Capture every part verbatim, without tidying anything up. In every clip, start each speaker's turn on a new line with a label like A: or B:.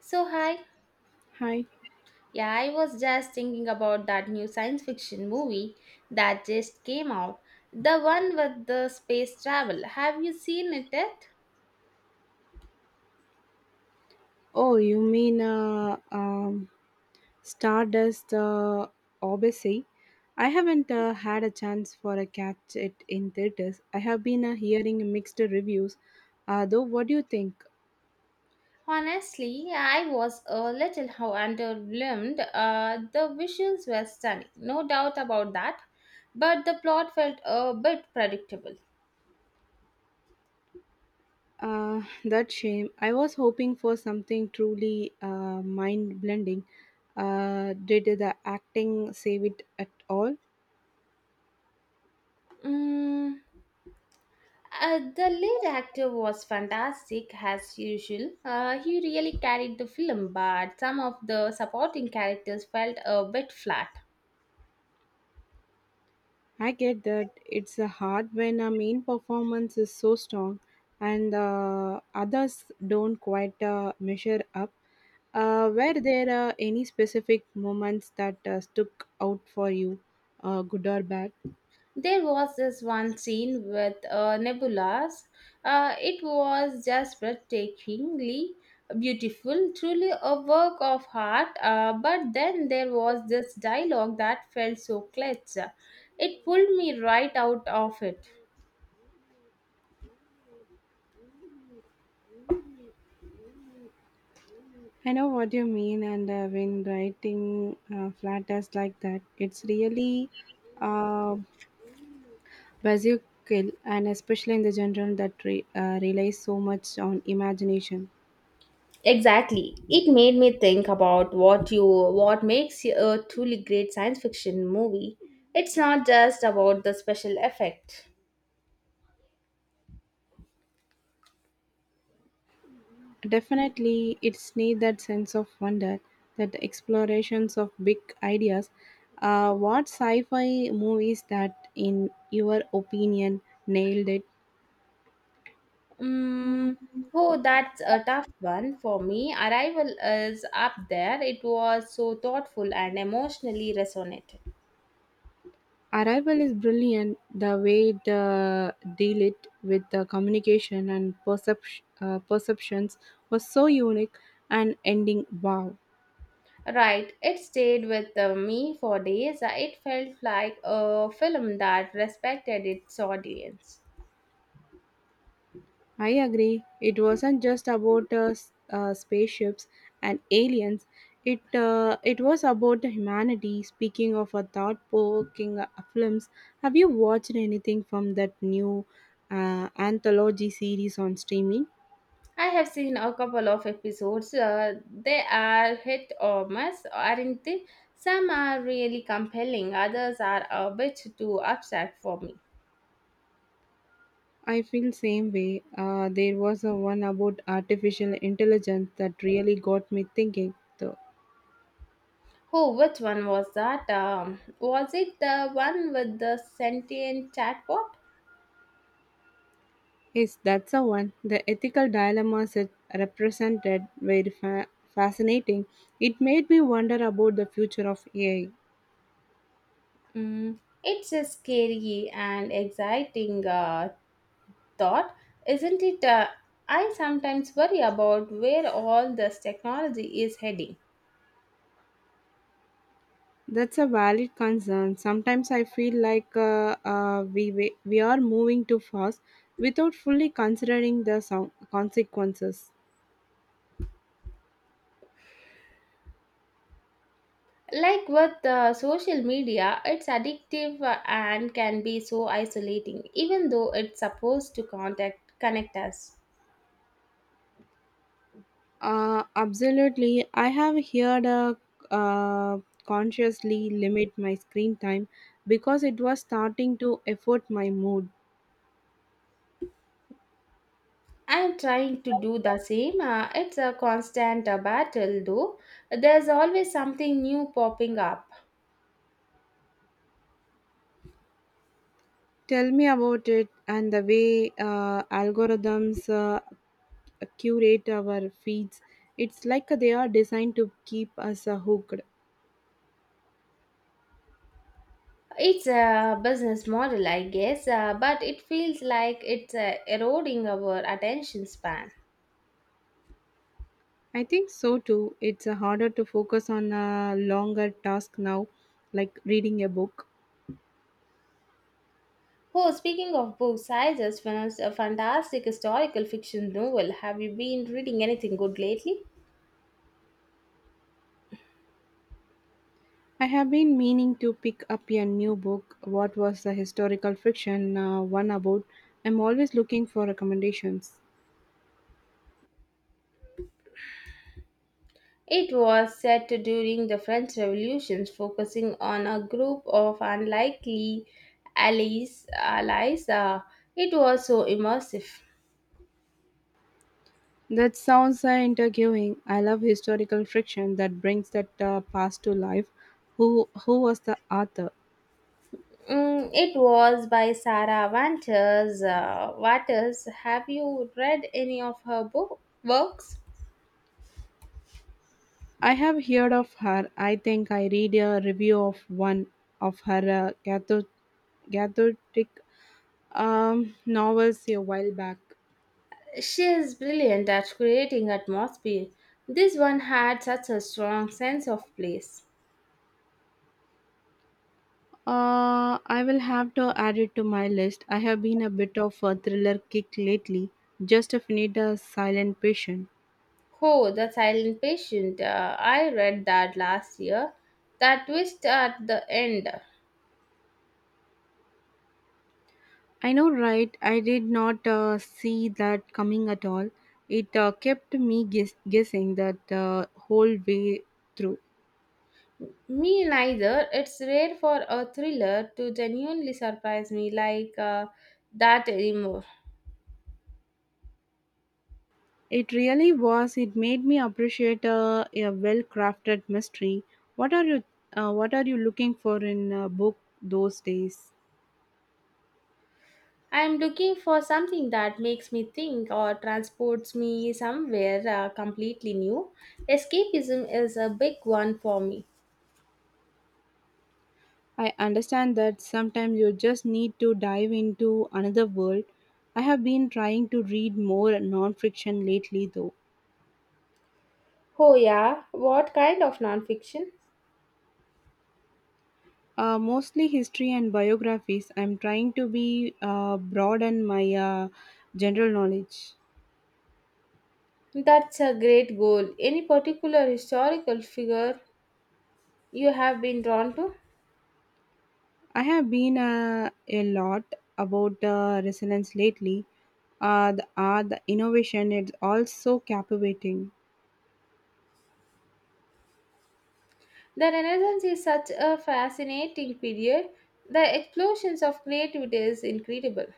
A: So, hi.
B: Hi.
A: Yeah, I was just thinking about that new science fiction movie that just came out. The one with the space travel. Have you seen it yet?
B: Oh, you mean uh, um, Stardust uh, Odyssey? I haven't uh, had a chance for a catch it in theaters. I have been uh, hearing mixed reviews. Uh, though, what do you think?
A: Honestly, I was a little how underwhelmed. Uh, the visuals were stunning, no doubt about that. But the plot felt a bit predictable.
B: Uh, that shame. I was hoping for something truly uh, mind-blending. Uh, did the acting save it at all?
A: Mm. Uh, the lead actor was fantastic as usual. Uh, he really carried the film, but some of the supporting characters felt a bit flat.
B: I get that it's a hard when a main performance is so strong and uh, others don't quite uh, measure up. Uh, were there uh, any specific moments that uh, stuck out for you, uh, good or bad?
A: There was this one scene with uh, nebulas. Uh, it was just breathtakingly beautiful, truly a work of art. Uh, but then there was this dialogue that felt so clutch. It pulled me right out of it.
B: I know what you mean, and uh, when writing uh, flat tests like that, it's really uh, buzzkill, and especially in the general that re- uh, relies so much on imagination.
A: Exactly. It made me think about what you what makes a truly great science fiction movie. It's not just about the special effect.
B: Definitely, it's need that sense of wonder, that explorations of big ideas. Uh, what sci-fi movies that, in your opinion, nailed it?
A: Mm, oh, that's a tough one for me. Arrival is up there. It was so thoughtful and emotionally resonated.
B: Arrival is brilliant. The way it uh, deal it with the communication and percep- uh, perceptions was so unique and ending wow.
A: Right, it stayed with uh, me for days. It felt like a film that respected its audience.
B: I agree. It wasn't just about uh, s- uh, spaceships and aliens. It uh, it was about humanity. Speaking of a thought-provoking uh, films, have you watched anything from that new uh, anthology series on streaming?
A: I have seen a couple of episodes. Uh, they are hit or miss, aren't they? Some are really compelling, others are a bit too abstract for me.
B: I feel same way. Uh, there was a one about artificial intelligence that really got me thinking. Though.
A: Oh, which one was that? Um, was it the one with the sentient chatbot?
B: Yes, that's the one. The ethical dilemmas it represented were fa- fascinating. It made me wonder about the future of A I.
A: Mm, it's a scary and exciting uh, thought, isn't it? Uh, I sometimes worry about where all this technology is heading.
B: That's a valid concern. Sometimes I feel like uh, uh, we wa- we are moving too fast without fully considering the so- consequences.
A: Like with uh, social media, it's addictive uh, and can be so isolating, even though it's supposed to contact connect us.
B: Uh, absolutely, I have heard uh, uh, consciously limit my screen time because it was starting to affect my mood.
A: I'm trying to do the same. Uh, it's a constant uh, battle, though. There's always something new popping up.
B: Tell me about it and the way uh, algorithms uh, curate our feeds. It's like they are designed to keep us uh, hooked.
A: It's a business model, I guess, uh, but it feels like it's uh, eroding our attention span.
B: I think so too. It's uh, harder to focus on a longer task now, like reading a book.
A: Oh, speaking of books, I just finished a fantastic historical fiction novel. Have you been reading anything good lately?
B: I have been meaning to pick up a new book. What was the historical fiction uh, one about? I'm always looking for recommendations.
A: It was set during the French Revolution, focusing on a group of unlikely allies. allies. Uh, it was so immersive.
B: That sounds uh, intriguing. I love historical friction that brings that uh, past to life. Who who was the author?
A: Mm, it was by Sarah Wanters. Uh, Waters. Have you read any of her book works?
B: I have heard of her. I think I read a review of one of her uh, Catho- Catholic um, novels a while back.
A: She is brilliant at creating atmosphere. This one had such a strong sense of place.
B: Uh, I will have to add it to my list. I have been a bit of a thriller kick lately. Just finished a silent patient.
A: Oh, The Silent Patient. Uh, I read that last year. That twist at the end.
B: I know, right? I did not uh, see that coming at all. It uh, kept me guess- guessing that uh, whole way through.
A: Me neither. It's rare for a thriller to genuinely surprise me like uh, that anymore.
B: It really was. It made me appreciate uh, a well-crafted mystery. What are you? Uh, what are you looking for in a book those days?
A: I'm looking for something that makes me think or transports me somewhere uh, completely new. Escapism is a big one for me.
B: I understand that sometimes you just need to dive into another world. I have been trying to read more non-fiction lately, though.
A: Oh, yeah. What kind of nonfiction?
B: Uh, mostly history and biographies. I'm trying to be uh, broaden my uh, general knowledge.
A: That's a great goal. Any particular historical figure you have been drawn to?
B: I have been uh, a lot about uh, resonance lately. Uh, the art, the innovation, it's all so captivating.
A: The Renaissance is such a fascinating period. The explosions of creativity is incredible.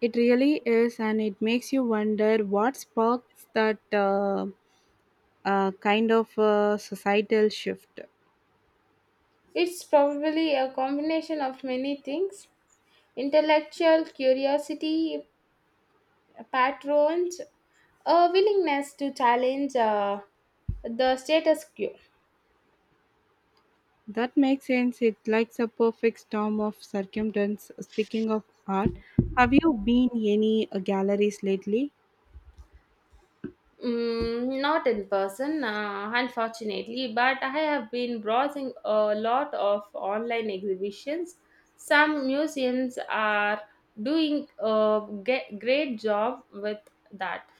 B: It really is, and it makes you wonder what sparks that uh, uh, kind of uh, societal shift.
A: It's probably a combination of many things: intellectual curiosity, patrons, a willingness to challenge uh, the status quo.
B: That makes sense. It's like a perfect storm of circumstance. Speaking of art, have you been any uh, galleries lately?
A: Mm, not in person, uh, unfortunately, but I have been browsing a lot of online exhibitions. Some museums are doing a ge- great job with that.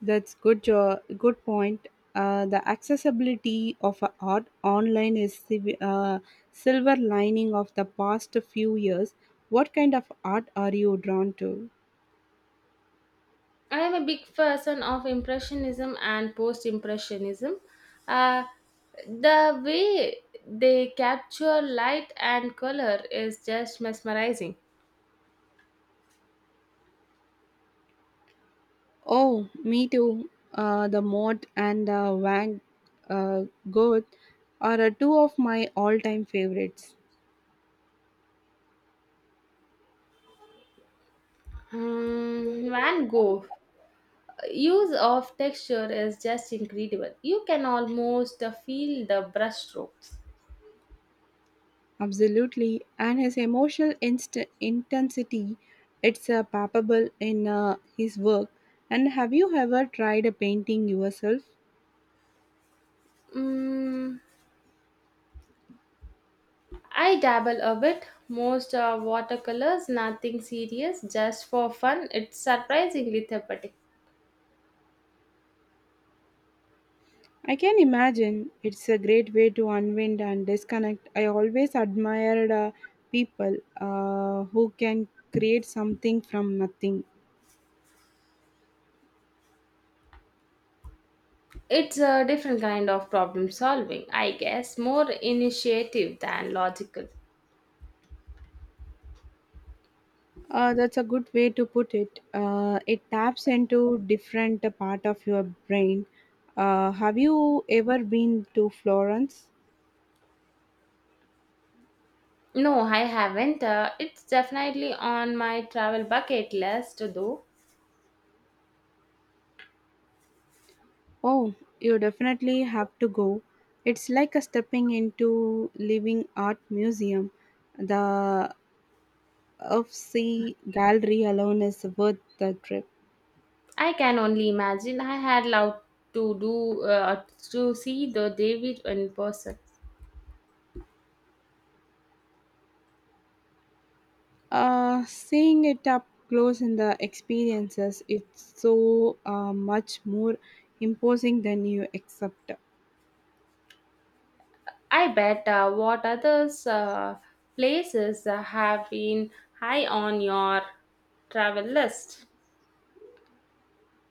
B: That's good. Jo- good point. Uh, the accessibility of uh, art online is the uh, silver lining of the past few years. What kind of art are you drawn to?
A: I am a big person of Impressionism and Post Impressionism. Uh, the way they capture light and color is just mesmerizing.
B: Oh, me too. Uh, the Mod and uh, Van uh, Gogh are uh, two of my all-time favorites.
A: Mm, Van Gogh use of texture is just incredible. You can almost uh, feel the brushstrokes.
B: Absolutely, and his emotional inst- intensity, it's uh, palpable in uh, his work. And have you ever tried a painting yourself?
A: Mm, I dabble a bit. Most are watercolors, nothing serious, just for fun. It's surprisingly therapeutic.
B: I can imagine it's a great way to unwind and disconnect. I always admired uh, people uh, who can create something from nothing.
A: It's a different kind of problem solving, I guess, more initiative than logical.
B: Uh, that's a good way to put it. Uh, it taps into different uh, part of your brain. Uh, have you ever been to Florence?
A: No, I haven't. Uh, it's definitely on my travel bucket list, though.
B: Oh, you definitely have to go. It's like a stepping into living art museum. The F C gallery alone is worth the trip.
A: I can only imagine. I had loved to do uh, to see the David in person.
B: Uh, seeing it up close in the experiences, it's so uh, much more imposing than you accept.
A: I bet uh, what others uh, places uh, have been high on your travel list.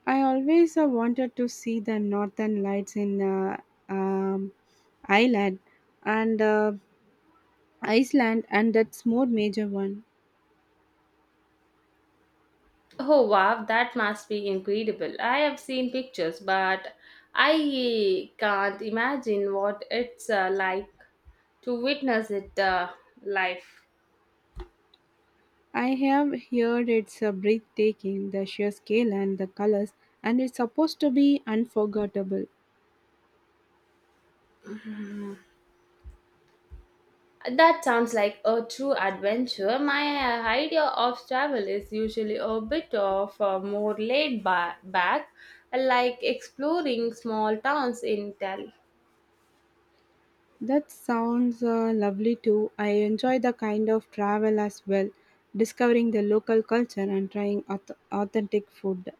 B: I always uh, wanted to see the northern lights in uh, um, Ireland and uh, Iceland, and that's more major one.
A: Oh wow, that must be incredible. I have seen pictures, but I can't imagine what it's uh, like to witness it uh, live.
B: I have heard it's a breathtaking, the sheer scale and the colors, and it's supposed to be unforgettable.
A: That sounds like a true adventure. My uh, idea of travel is usually a bit of a more laid ba- back, like exploring small towns in Italy.
B: That sounds uh, lovely too. I enjoy the kind of travel as well, discovering the local culture and trying auth- authentic food.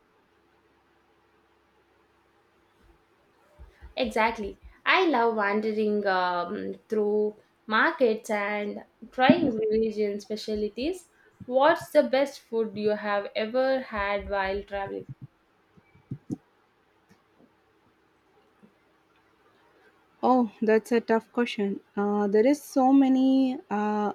A: Exactly. I love wandering um, through markets and trying region specialties. What's the best food you have ever had while traveling?
B: Oh, that's a tough question. Uh, there is so many. Uh,